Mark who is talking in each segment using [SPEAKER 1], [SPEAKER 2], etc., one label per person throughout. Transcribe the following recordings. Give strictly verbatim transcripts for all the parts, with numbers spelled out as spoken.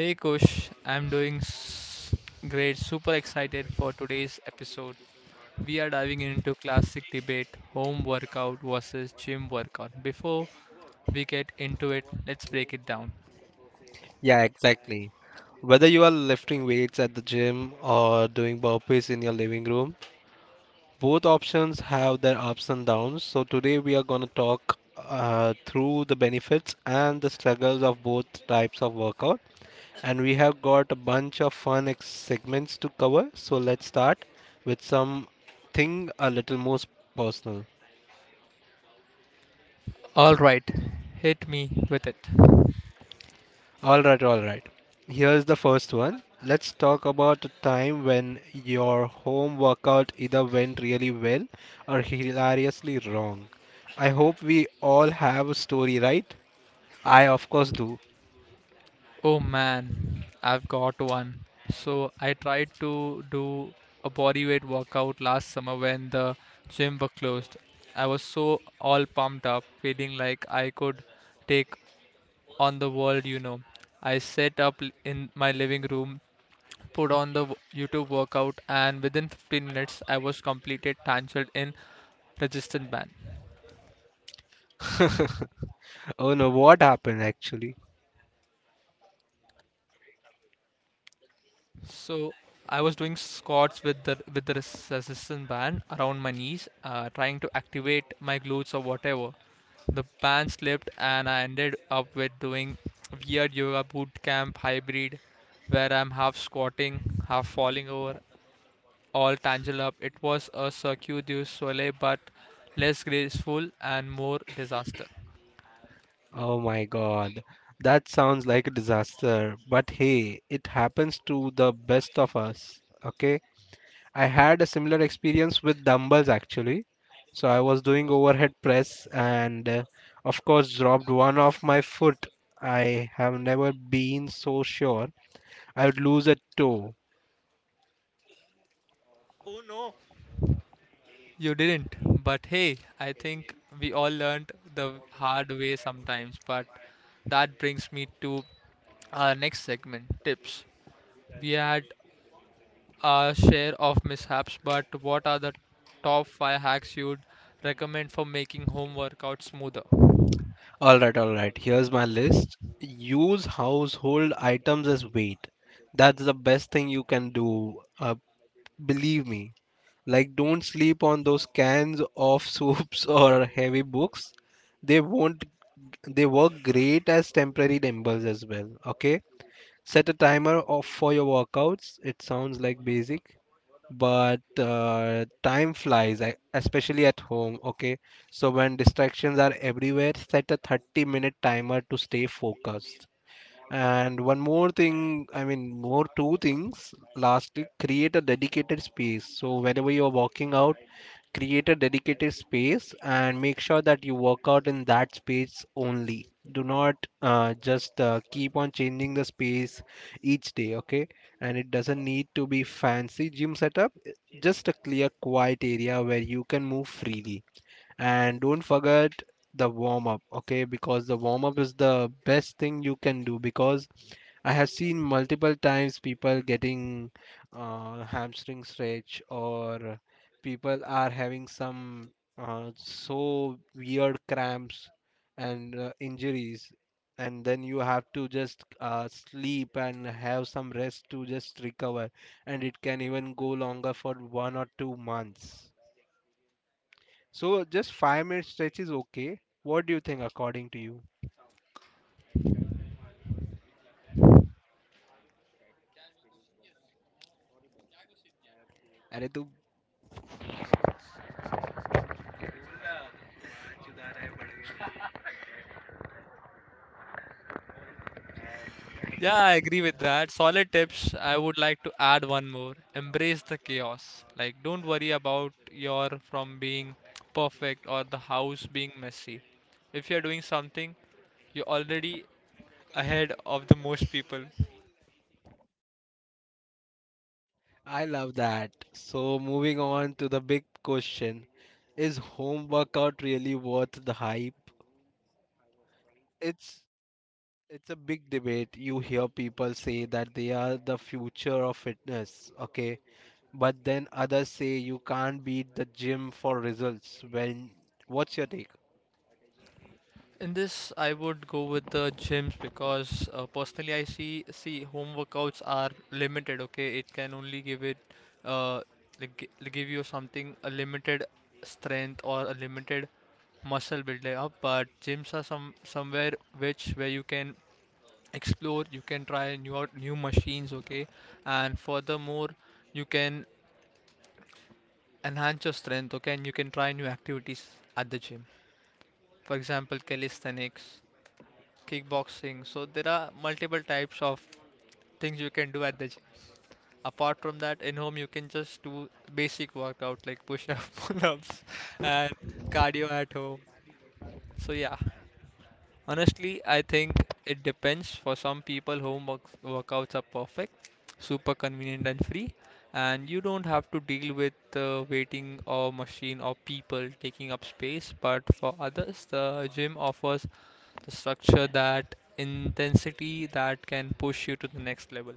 [SPEAKER 1] Hey Kush, I'm doing s- great, super excited for today's episode. We are diving into classic debate home workout versus gym workout. Before we get into it, let's break it down.
[SPEAKER 2] Yeah, exactly. Whether you are lifting weights at the gym or doing burpees in your living room, both options have their ups and downs. So today we are going to talk uh, through the benefits and the struggles of both types of workout. And we have got a bunch of fun ex- segments to cover. So let's start with something a little more s- personal.
[SPEAKER 1] Alright, hit me with it.
[SPEAKER 2] All right, all right. Here's the first one. Let's talk about a time when your home workout either went really well or hilariously wrong. I hope we all have a story, right? I of course do.
[SPEAKER 1] Oh man, I've got one. So I tried to do a bodyweight workout last summer when the gym were closed. I was so all pumped up, feeling like I could take on the world, you know. I set up l- in my living room, put on the w- YouTube workout, and within fifteen minutes, I was completed tangled in resistance band.
[SPEAKER 2] Oh no, what happened actually?
[SPEAKER 1] So I was doing squats with the with the res- resistance band around my knees, uh, trying to activate my glutes or whatever. The band slipped, and I ended up with doing weird yoga boot camp hybrid, where I'm half squatting, half falling over, all tangled up. It was a Cirque du Soleil, but less graceful and more disaster.
[SPEAKER 2] Oh my god. That sounds like a disaster. But hey, it happens to the best of us. Okay? I had a similar experience with dumbbells actually. So I was doing overhead press and uh, of course dropped one off my foot. I have never been so sure I would lose a toe.
[SPEAKER 1] You didn't, but hey, I think we all learned the hard way sometimes. But that brings me to our next segment tips. We had our share of mishaps, but what are the top five hacks you'd recommend for making home workouts smoother?
[SPEAKER 2] All right, all right. Here's my list. Use household items as weight. That's the best thing you can do. Uh, believe me. Like, don't sleep on those cans of soups or heavy books. They won't. They work great as temporary dumbbells as well. Okay. Set a timer off for your workouts. It sounds like basic, but uh, time flies, e- especially at home. Okay, so when distractions are everywhere, set a thirty minute timer to stay focused. And one more thing, I mean, more two things. Lastly, create a dedicated space. So whenever you're walking out, create a dedicated space and make sure that you work out in that space only. Do not uh, just uh, keep on changing the space each day, okay? And it doesn't need to be fancy gym setup, just a clear, quiet area where you can move freely. And don't forget the warm up, okay? Because the warm up is the best thing you can do, because I have seen multiple times people getting uh, hamstring stretch, or people are having some uh, so weird cramps and uh, injuries, and then you have to just uh, sleep and have some rest to just recover, and it can even go longer for one or two months. So just five minute stretch is okay. What do you think, according to you? अरे तू बोल ना, चुदार है बढ़ गई।
[SPEAKER 1] Yeah, I agree with that. Solid tips. I would like to add one more. Embrace the chaos. Like, don't worry about your from being perfect or the house being messy. If you're doing something, you're already ahead of the most people.
[SPEAKER 2] I love that. So moving on to the big question. Is home workout really worth the hype? It's it's a big debate. You hear people say that they are the future of fitness, okay? But then others say you can't beat the gym for results. When what's your take?
[SPEAKER 1] In this, I would go with the gyms because uh, personally, I see see home workouts are limited. Okay, it can only give it uh like gi- like give you something a limited strength or a limited muscle building up. But gyms are some somewhere which where you can explore, you can try new out- new machines. Okay, and furthermore, you can enhance your strength. Okay, and you can try new activities at the gym. For example, calisthenics kickboxing. So there are multiple types of things you can do at the gym. Apart from that, in home you can just do basic workout like push-up, pull-ups, and cardio at home. So yeah, honestly, I think it depends. For some people, home works, workouts are perfect, super convenient and free, and you don't have to deal with uh, waiting or machine or people taking up space. But for others, the gym offers the structure, that intensity that can push you to the next level?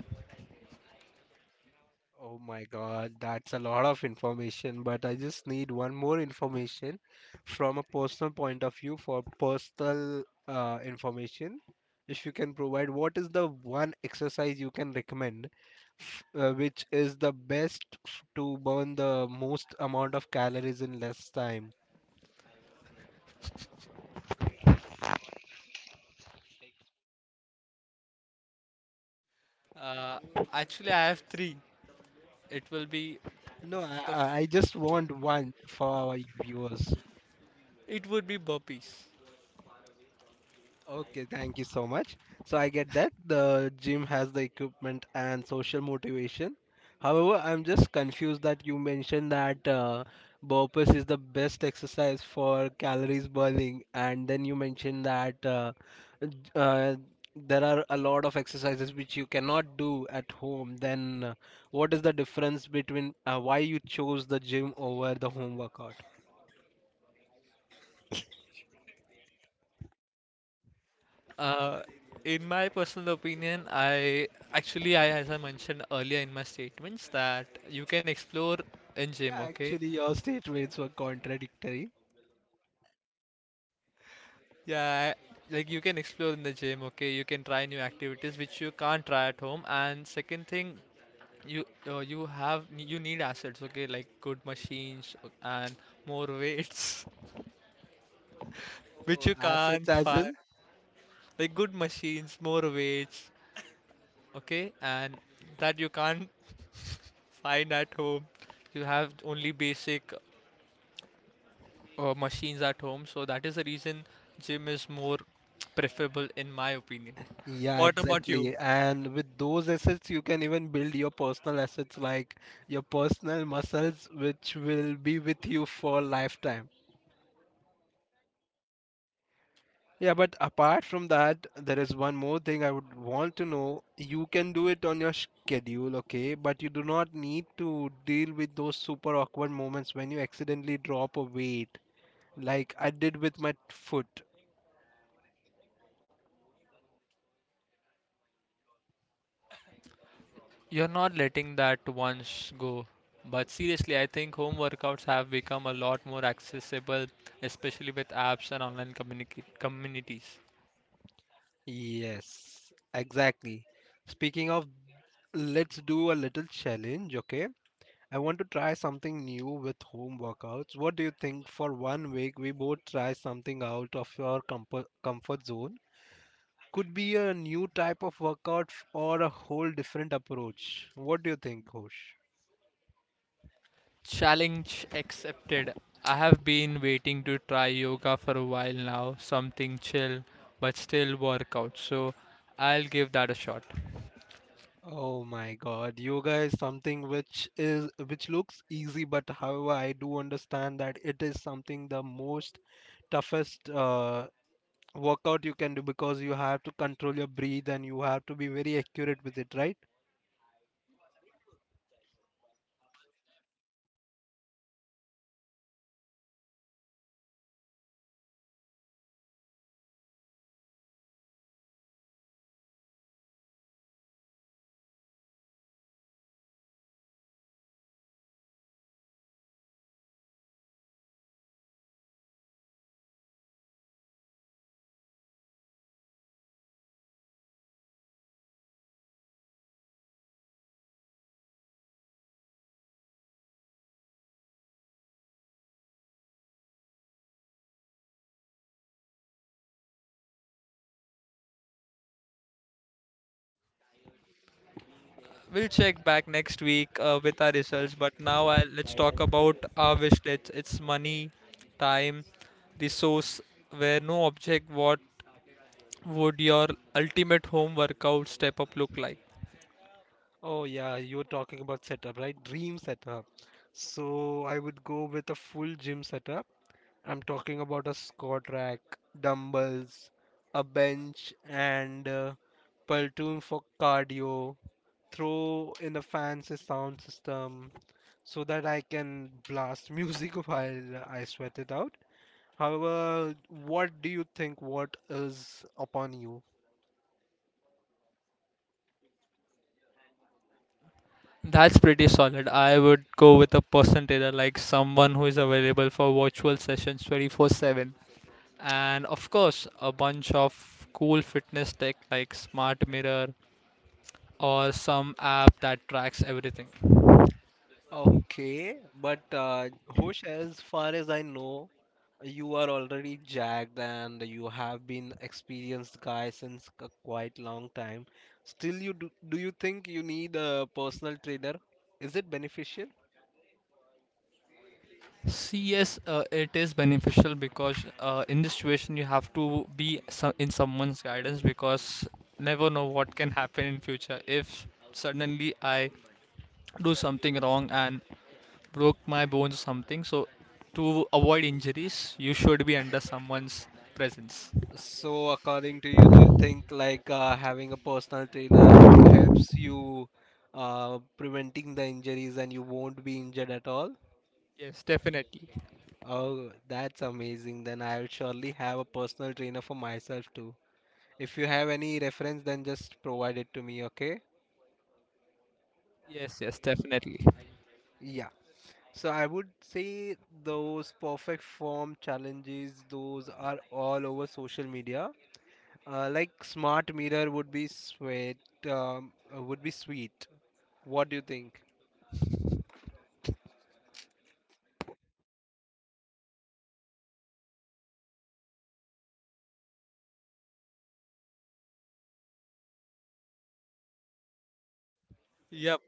[SPEAKER 2] Oh my God, that's a lot of information, but I just need one more information from a personal point of view for personal uh, information. If you can provide, what is the one exercise you can recommend, f- uh, which is the best f- to burn the most amount of calories in less time?
[SPEAKER 1] Uh, actually, I have three. It will be
[SPEAKER 2] No,
[SPEAKER 1] f- the
[SPEAKER 2] I,
[SPEAKER 1] f-
[SPEAKER 2] I I just want one for our viewers.
[SPEAKER 1] it would be burpees.
[SPEAKER 2] Okay, thank you so much. So I get that the gym has the equipment and social motivation. However, I'm just confused that you mentioned that uh, burpees is the best exercise for calories burning, and then you mentioned that uh, j- uh, there are a lot of exercises which you cannot do at home. Then, uh, what is the difference between uh, why you chose the gym over the home workout?
[SPEAKER 1] Uh, in my personal opinion, I actually I as I mentioned earlier in my statements that you can explore in gym.
[SPEAKER 2] Yeah,
[SPEAKER 1] Okay,
[SPEAKER 2] actually, your statements were contradictory.
[SPEAKER 1] yeah, like you can explore in the gym. Okay, you can try new activities which you can't try at home. And second thing, you uh, you have you need assets, okay, like good machines and more weights which you
[SPEAKER 2] Oh,
[SPEAKER 1] can't
[SPEAKER 2] assets as
[SPEAKER 1] find,
[SPEAKER 2] in?
[SPEAKER 1] like good machines, more weights, okay, and that you can't find at home. You have only basic uh, machines at home, so that is the reason gym is more preferable in my opinion. What
[SPEAKER 2] Yeah,
[SPEAKER 1] about you?
[SPEAKER 2] exactly. And with those assets, you can even build your personal assets like your personal muscles, which will be with you for lifetime. Yeah, but apart from that, there is one more thing I would want to know. You can do it on your schedule, okay? But you do not need to deal with those super awkward moments when you accidentally drop a weight, like I did with my foot.
[SPEAKER 1] You're not letting that once go. But seriously, I think home workouts have become a lot more accessible, especially with apps and online communica- communities.
[SPEAKER 2] Yes, exactly. Speaking of, let's do a little challenge, okay? I want to try something new with home workouts. What do you think, for one week we both try something out of your comfort, comfort zone? Could be a new type of workout f- or a whole different approach. What do you think, Hosh?
[SPEAKER 1] Challenge accepted. I have been waiting to try yoga for a while now, something chill but still workout. So I'll give that a shot.
[SPEAKER 2] Oh my God, yoga is something which is which looks easy, but however, I do understand that it is something the most toughest uh, workout you can do, because you have to control your breathe and you have to be very accurate with it, right?
[SPEAKER 1] We'll check back next week uh, with our results, but now I, let's talk about our wish list. It's money, time, resource, where no object what would your ultimate home workout step up look like?
[SPEAKER 2] Oh yeah, you are talking about setup, right? Dream setup. So I would go with a full gym setup. I'm talking about a squat rack, dumbbells, a bench, and uh, platoon for cardio. Throw in a fancy sound system so that I can blast music while I sweat it out. However, what do you think? What is upon you?
[SPEAKER 1] That's pretty solid. I would go with a percentager, like someone who is available for virtual sessions twenty-four seven. And of course, a bunch of cool fitness tech like Smart Mirror or some app that tracks everything.
[SPEAKER 2] Okay, but uh, Hosh, as far as I know, you are already jacked and you have been experienced guy since a quite long time. Still, you do, do you think you need a personal trainer? Is it beneficial?
[SPEAKER 1] See, yes, uh, it is beneficial because uh, in this situation you have to be so- in someone's guidance because never know what can happen in future. If suddenly I do something wrong and broke my bones or something. So, to avoid injuries, you should be under someone's presence.
[SPEAKER 2] So, according to you, do you think like uh, having a personal trainer helps you uh, preventing the injuries and you won't be injured at all?
[SPEAKER 1] Yes, definitely.
[SPEAKER 2] Oh, that's amazing. Then I'll surely have a personal trainer for myself too. If you have any reference, then just provide it to me, okay?
[SPEAKER 1] Yes, yes, definitely.
[SPEAKER 2] Yeah. So I would say those perfect form challenges, those are all over social media. Uh, like smart mirror would be sweet, um, uh, would be sweet. What do you think?
[SPEAKER 1] Yep.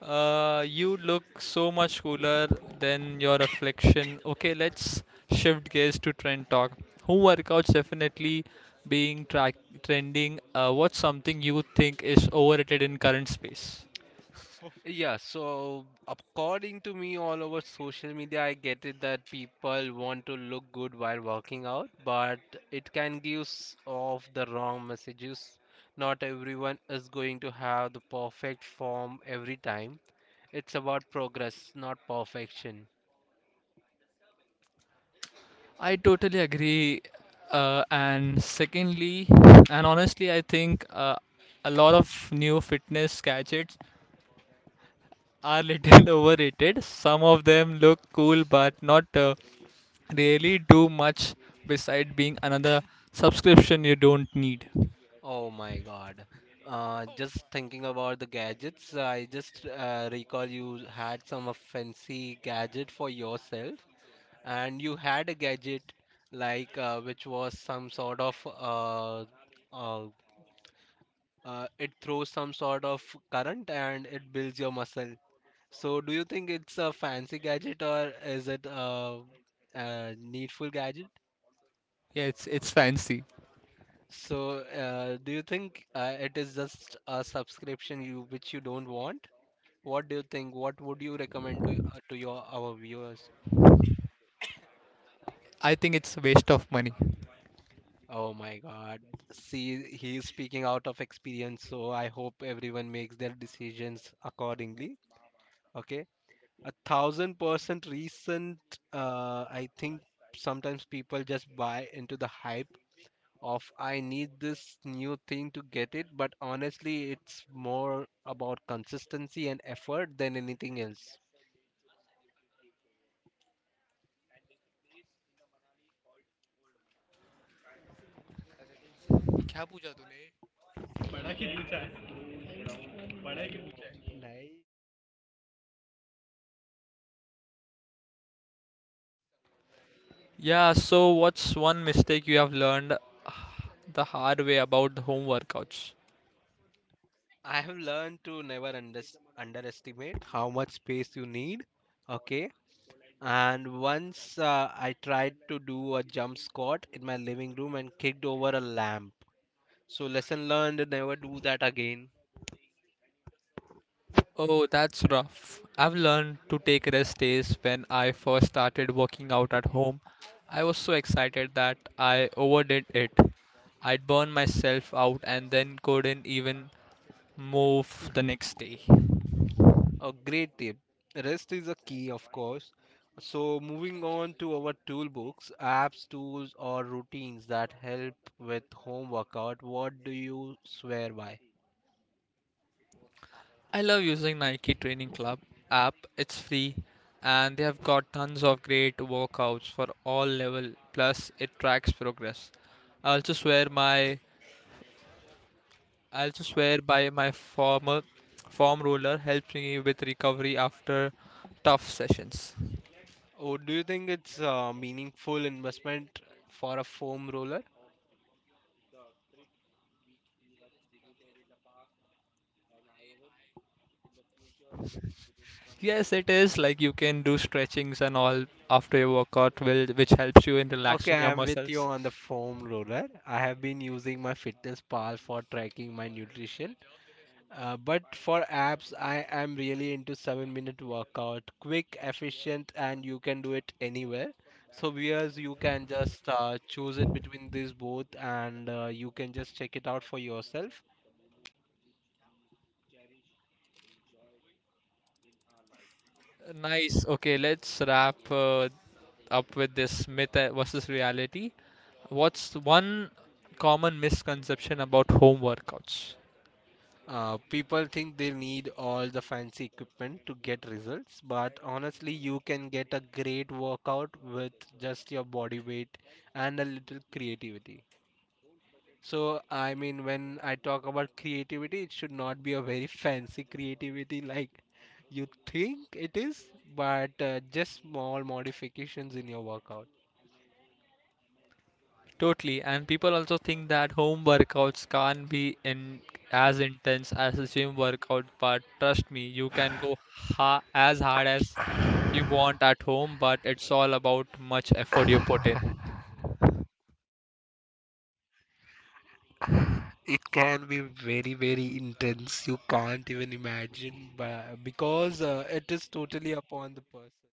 [SPEAKER 1] Uh, you look so much cooler than your reflection. Okay, let's shift gears to trend talk. Who workouts definitely being track trending? Uh, what's something you think is overrated in current space?
[SPEAKER 2] Yeah, so according to me, all over social media, I get it that people want to look good while working out, but it can give s- off the wrong messages. Not everyone is going to have the perfect form every time. It's about progress, not perfection.
[SPEAKER 1] I totally agree. Uh, and secondly, and honestly, I think uh, a lot of new fitness gadgets are little overrated. Some of them look cool, but not uh, really do much beside being another subscription you don't need.
[SPEAKER 2] Oh my God. Uh, just thinking about the gadgets, I just uh, recall you had some uh, fancy gadget for yourself. And you had a gadget like uh, which was some sort of uh, uh, uh, it throws some sort of current and it builds your muscle. So do you think it's a fancy gadget or is it a, a needful gadget?
[SPEAKER 1] Yeah, it's it's fancy.
[SPEAKER 2] So uh, do you think uh, it is just a subscription you which you don't want? What do you think? What would you recommend to uh, to your our viewers?
[SPEAKER 1] I think it's a waste of money.
[SPEAKER 2] Oh my God. See, he is speaking out of experience, so I hope everyone makes their decisions accordingly. Okay. A thousand percent recent, uh, I think sometimes people just buy into the hype of I need this new thing to get it, but honestly, it's more about consistency and effort than anything else.
[SPEAKER 1] क्या पूछा तूने?
[SPEAKER 2] पढ़ा कि पूछा है पढ़ा कि पूछा है नहीं
[SPEAKER 1] Yeah, so what's one mistake you have learned uh, the hard way about the home workouts?
[SPEAKER 2] I have learned to never under, underestimate how much space you need. Okay. And once uh, I tried to do a jump squat in my living room and kicked over a lamp. So, lesson learned, never do that again.
[SPEAKER 1] Oh, that's rough. I've learned to take rest days when I first started working out at home. I was so excited that I overdid it. I'd burn myself out and then couldn't even move the next day.
[SPEAKER 2] A great tip. Rest is a key, of course. So, moving on to our toolbooks, apps, tools, or routines that help with home workout, what do you swear by?
[SPEAKER 1] I love using Nike Training Club app. It's free and they have got tons of great workouts for all level plus it tracks progress. I also swear my I also swear by my former form roller helps me with recovery after tough sessions.
[SPEAKER 2] Oh, do you think it's a meaningful investment for a foam roller?
[SPEAKER 1] Yes, it is like you can do stretchings and all after your workout, will which helps you in
[SPEAKER 2] Okay,
[SPEAKER 1] relaxing your
[SPEAKER 2] I'm with you
[SPEAKER 1] muscles.
[SPEAKER 2] on the foam roller. I have been using my fitness pal for tracking my nutrition. Uh, but for apps, I am really into seven minute workout. Quick, efficient, and you can do it anywhere. So, viewers, you can just uh, choose it between these both and uh, you can just check it out for yourself.
[SPEAKER 1] Nice. Okay, let's wrap uh, up with this myth uh, versus reality. What's one common misconception about home workouts?
[SPEAKER 2] Uh, people think they need all the fancy equipment to get results, but honestly, you can get a great workout with just your body weight and a little creativity. So, I mean, when I talk about creativity, it should not be a very fancy creativity like you think it is, but uh, just small modifications in your workout.
[SPEAKER 1] Totally, and people also think that home workouts can't be in as intense as a gym workout, but trust me, you can go ha as hard as you want at home, but it's all about much effort you put in.
[SPEAKER 2] It can be very, very intense. You can't even imagine, but because uh, it is totally upon the person.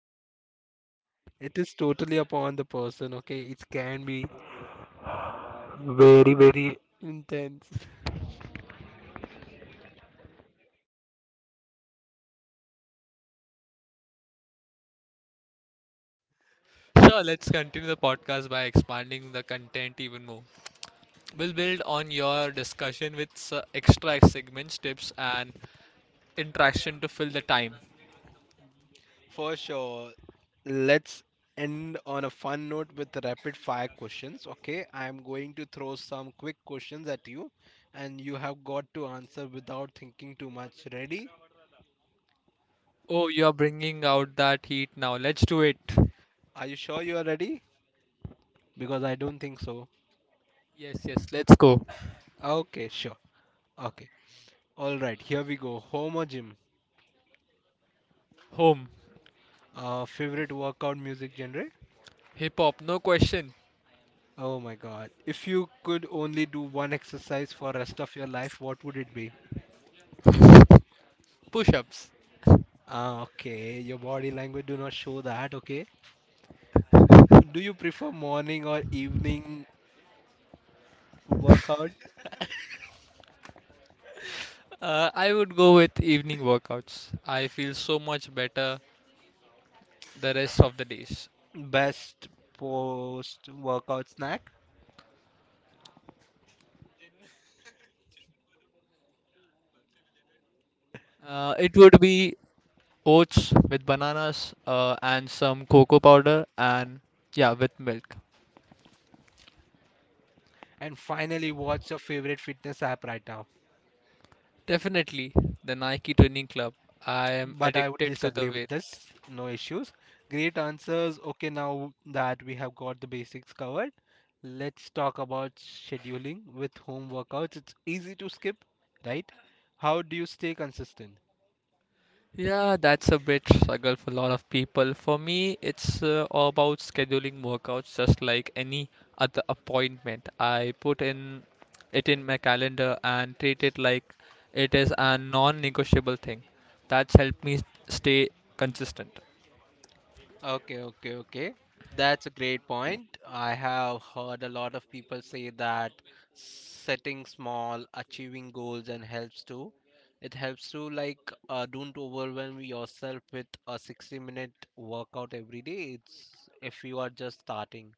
[SPEAKER 2] It is totally upon the person, okay? It can be very, very intense.
[SPEAKER 1] Sure, let's continue the podcast by expanding the content even more. We'll build on your discussion with s- extra segments, tips, and interaction to fill the time.
[SPEAKER 2] For sure. Let's end on a fun note with rapid fire questions. Okay, I am going to throw some quick questions at you, and you have got to answer without thinking too much. Ready?
[SPEAKER 1] Oh, you're bringing out that heat now. Let's do it.
[SPEAKER 2] Are you sure you are ready? Because I don't think so.
[SPEAKER 1] Yes, yes, let's go.
[SPEAKER 2] Okay, sure. Okay. All right, here we go. Home or gym?
[SPEAKER 1] Home.
[SPEAKER 2] Uh, favorite workout music genre?
[SPEAKER 1] Hip hop, no question.
[SPEAKER 2] Oh my god. If you could only do one exercise for rest of your life, what would it be?
[SPEAKER 1] Push ups.
[SPEAKER 2] Ah, okay. Your body language do not show that, okay? Do you prefer morning or evening workout?
[SPEAKER 1] Uh, I would go with evening workouts. I feel so much better the rest of the days.
[SPEAKER 2] Best post workout snack?
[SPEAKER 1] Uh, it would be oats with bananas uh, and some cocoa powder and yeah, with milk.
[SPEAKER 2] And finally, what's your favorite fitness app right now?
[SPEAKER 1] Definitely the Nike Training Club. I am
[SPEAKER 2] But I would
[SPEAKER 1] addicted to the
[SPEAKER 2] disagree with
[SPEAKER 1] wear.
[SPEAKER 2] this. No issues. Great answers. Okay, now that we have got the basics covered, let's talk about scheduling with home workouts. It's easy to skip, right? How do you stay consistent?
[SPEAKER 1] Yeah, that's a bit struggle for a lot of people. For me, it's uh, all about scheduling workouts just like any other appointment. I put in it in my calendar and treat it like it is a non-negotiable thing. That's helped me stay consistent.
[SPEAKER 2] Okay, okay, okay. That's a great point. I have heard a lot of people say that setting small, achieving goals and helps too. It helps to like uh, don't overwhelm yourself with a sixty minute workout every day. It's if you are just starting.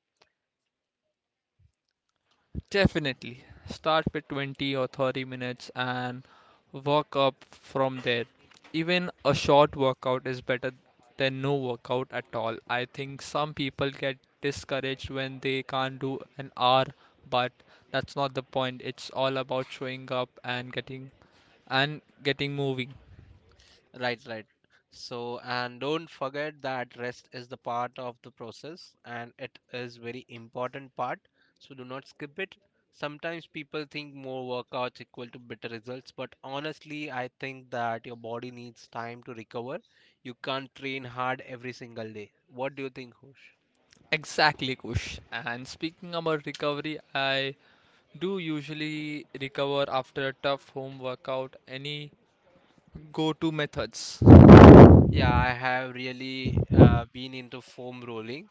[SPEAKER 1] Definitely. Start with twenty or thirty minutes and work up from there. Even a short workout is better than no workout at all. I think some people get discouraged when they can't do an hour, but that's not the point. It's all about showing up and getting and getting moving.
[SPEAKER 2] Right, right. So, and don't forget that rest is the part of the process and it is very important part. So do not skip it. Sometimes people think more workouts equal to better results, but honestly, I think that your body needs time to recover. You can't train hard every single day. What do you think, Hush?
[SPEAKER 1] Exactly, Kush. And speaking about recovery, I do usually recover after a tough home workout. Any go-to methods?
[SPEAKER 2] Yeah, I have really uh, been into foam rolling.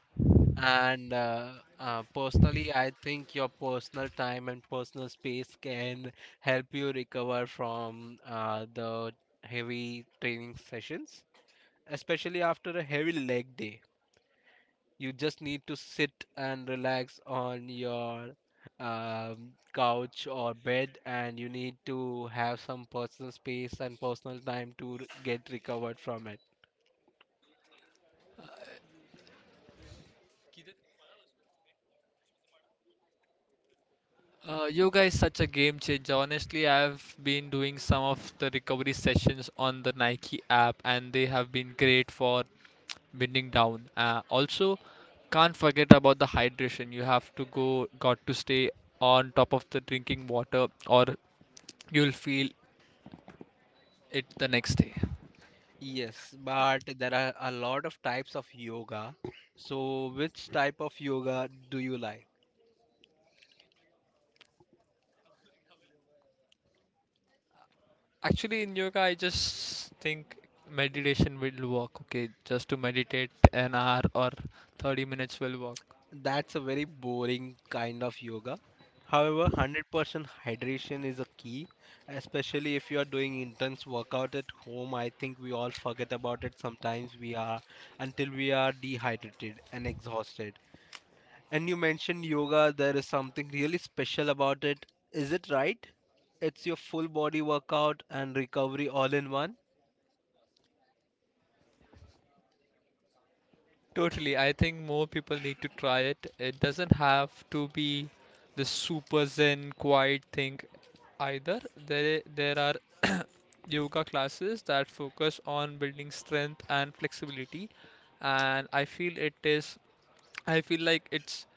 [SPEAKER 2] And uh, uh, Personally, I think your personal time and personal space can help you recover from uh, the heavy training sessions, especially after a heavy leg day. You just need to sit and relax on your um, couch or bed, and you need to have some personal space and personal time to r- get recovered from it.
[SPEAKER 1] Uh, yoga is such a game changer. Honestly, I've been doing some of the recovery sessions on the Nike app, and they have been great for winding down. Uh, also, can't forget about the hydration. You have to go, got to stay on top of the drinking water, or you'll feel it the next day.
[SPEAKER 2] Yes, but there are a lot of types of yoga. So, which type of yoga do you like?
[SPEAKER 1] Actually, in yoga, I just think meditation will work. Okay, just to meditate an hour or thirty minutes will work.
[SPEAKER 2] That's a very boring kind of yoga. However, one hundred percent hydration is a key, especially if you are doing intense workout at home. I think we all forget about it sometimes we are until we are dehydrated and exhausted. And you mentioned yoga, there is something really special about it. Is it right? It's your full body workout and recovery all in one.
[SPEAKER 1] Totally. I think more people need to try it. It doesn't have to be the super zen quiet thing either. There there are yoga classes that focus on building strength and flexibility and I feel it is I feel like it's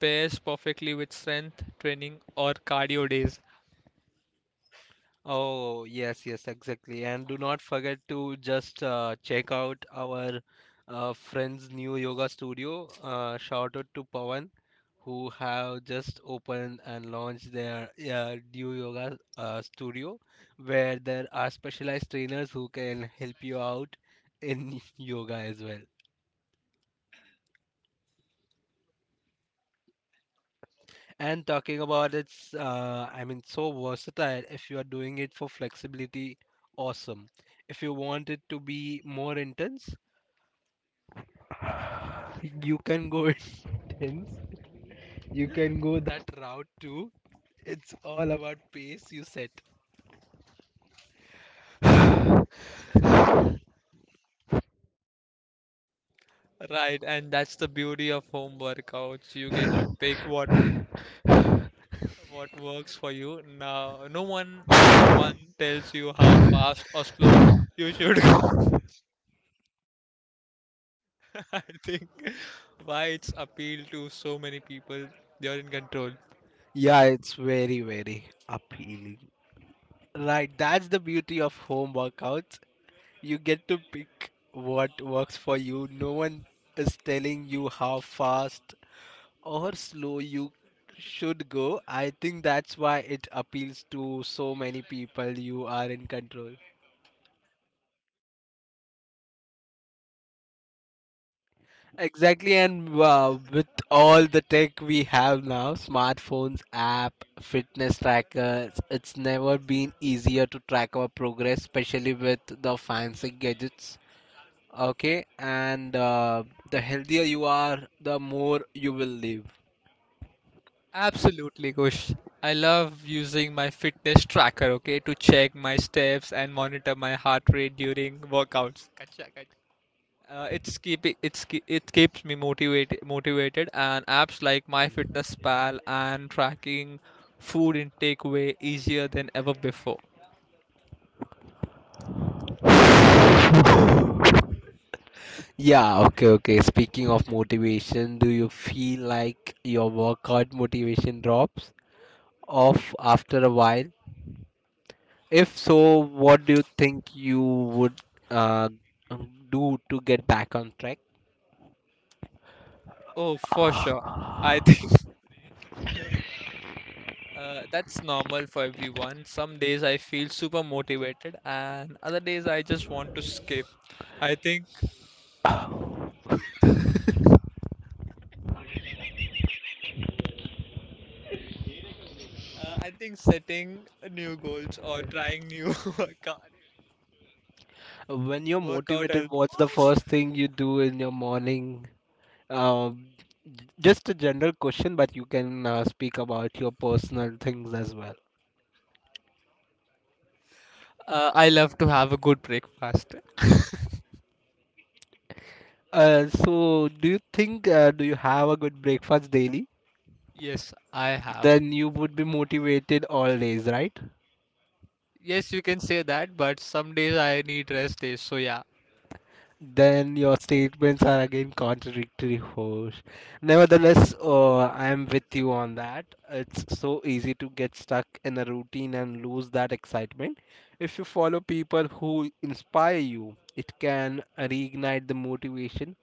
[SPEAKER 1] pairs perfectly with strength training or cardio days.
[SPEAKER 2] Oh, yes, yes, exactly. And do not forget to just uh, check out our uh, friend's new yoga studio. Uh, shout out to Pawan, who have just opened and launched their uh, new yoga uh, studio, where there are specialized trainers who can help you out in yoga as well. And talking about it's, uh, I mean, so versatile. If you are doing it for flexibility, awesome. If you want it to be more intense, you can go intense. You can go that route too. It's all about pace you set.
[SPEAKER 1] Right, and that's the beauty of home workouts. You get to pick what what works for you. Now, no one one tells you how fast or slow you should go. I think why it's appeal to so many people. You're in control.
[SPEAKER 2] Yeah, it's very, very appealing. Right, that's the beauty of home workouts. You get to pick what works for you. No one is telling you how fast or slow you should go. I think that's why it appeals to so many people. You are in control. Exactly, and uh, with all the tech we have now, smartphones, app, fitness trackers, it's never been easier to track our progress, especially with the fancy gadgets. Okay, and uh, the healthier you are, the more you will live.
[SPEAKER 1] Absolutely, Kush. I love using my fitness tracker, okay, to check my steps and monitor my heart rate during workouts. Uh, it's keeping it's ke- it keeps me motivated motivated and apps like MyFitnessPal and tracking food intake way easier than ever before.
[SPEAKER 2] Yeah, okay, okay. Speaking of motivation, do you feel like your workout motivation drops off after a while? If so, what do you think you would uh, do to get back on track?
[SPEAKER 1] Oh, for sure. I think uh, that's normal for everyone. Some days I feel super motivated and other days I just want to skip. I think uh, I think setting new goals or trying new workout
[SPEAKER 2] When you're
[SPEAKER 1] workout
[SPEAKER 2] motivated,
[SPEAKER 1] help.
[SPEAKER 2] what's the first thing you do in your morning? Um, j- just a general question, but you can uh, speak about your personal things as well.
[SPEAKER 1] Uh, I love to have a good breakfast.
[SPEAKER 2] Uh, so, do you think uh, do you have a good breakfast daily?
[SPEAKER 1] Yes, I have.
[SPEAKER 2] Then you would be motivated all days, right?
[SPEAKER 1] Yes, you can say that, but some days I need rest days. So yeah.
[SPEAKER 2] Then your statements are again contradictory, host. Nevertheless, uh, I am with you on that. It's so easy to get stuck in a routine and lose that excitement. If you follow people who inspire you, it can reignite the motivation.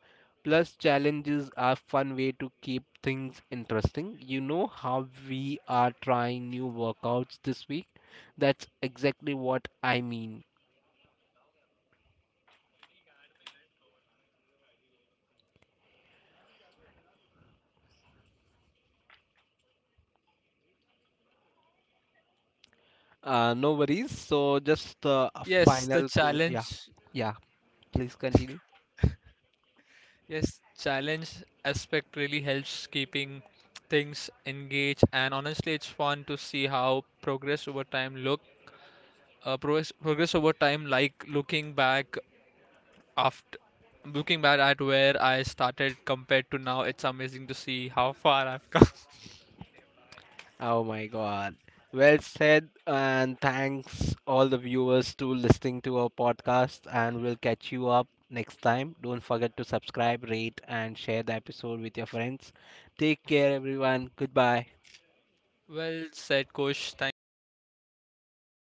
[SPEAKER 2] Plus, challenges are fun way to keep things interesting. You know how we are trying new workouts this week? That's exactly what I mean. Uh, no worries. So just uh, a
[SPEAKER 1] Yes, the
[SPEAKER 2] final question. Yeah,
[SPEAKER 1] challenge.
[SPEAKER 2] yeah. Please continue.
[SPEAKER 1] Yes, challenge aspect really helps keeping things engaged, and honestly, it's fun to see how progress over time look. Uh, progress, progress over time, like looking back after looking back at where I started compared to now. It's amazing to see how far I've come.
[SPEAKER 2] Oh my God. Well said, and thanks all the viewers to listening to our podcast. And we'll catch you up next time. Don't forget to subscribe, rate, and share the episode with your friends. Take care, everyone. Goodbye.
[SPEAKER 1] Well said, Kosh. Thank you so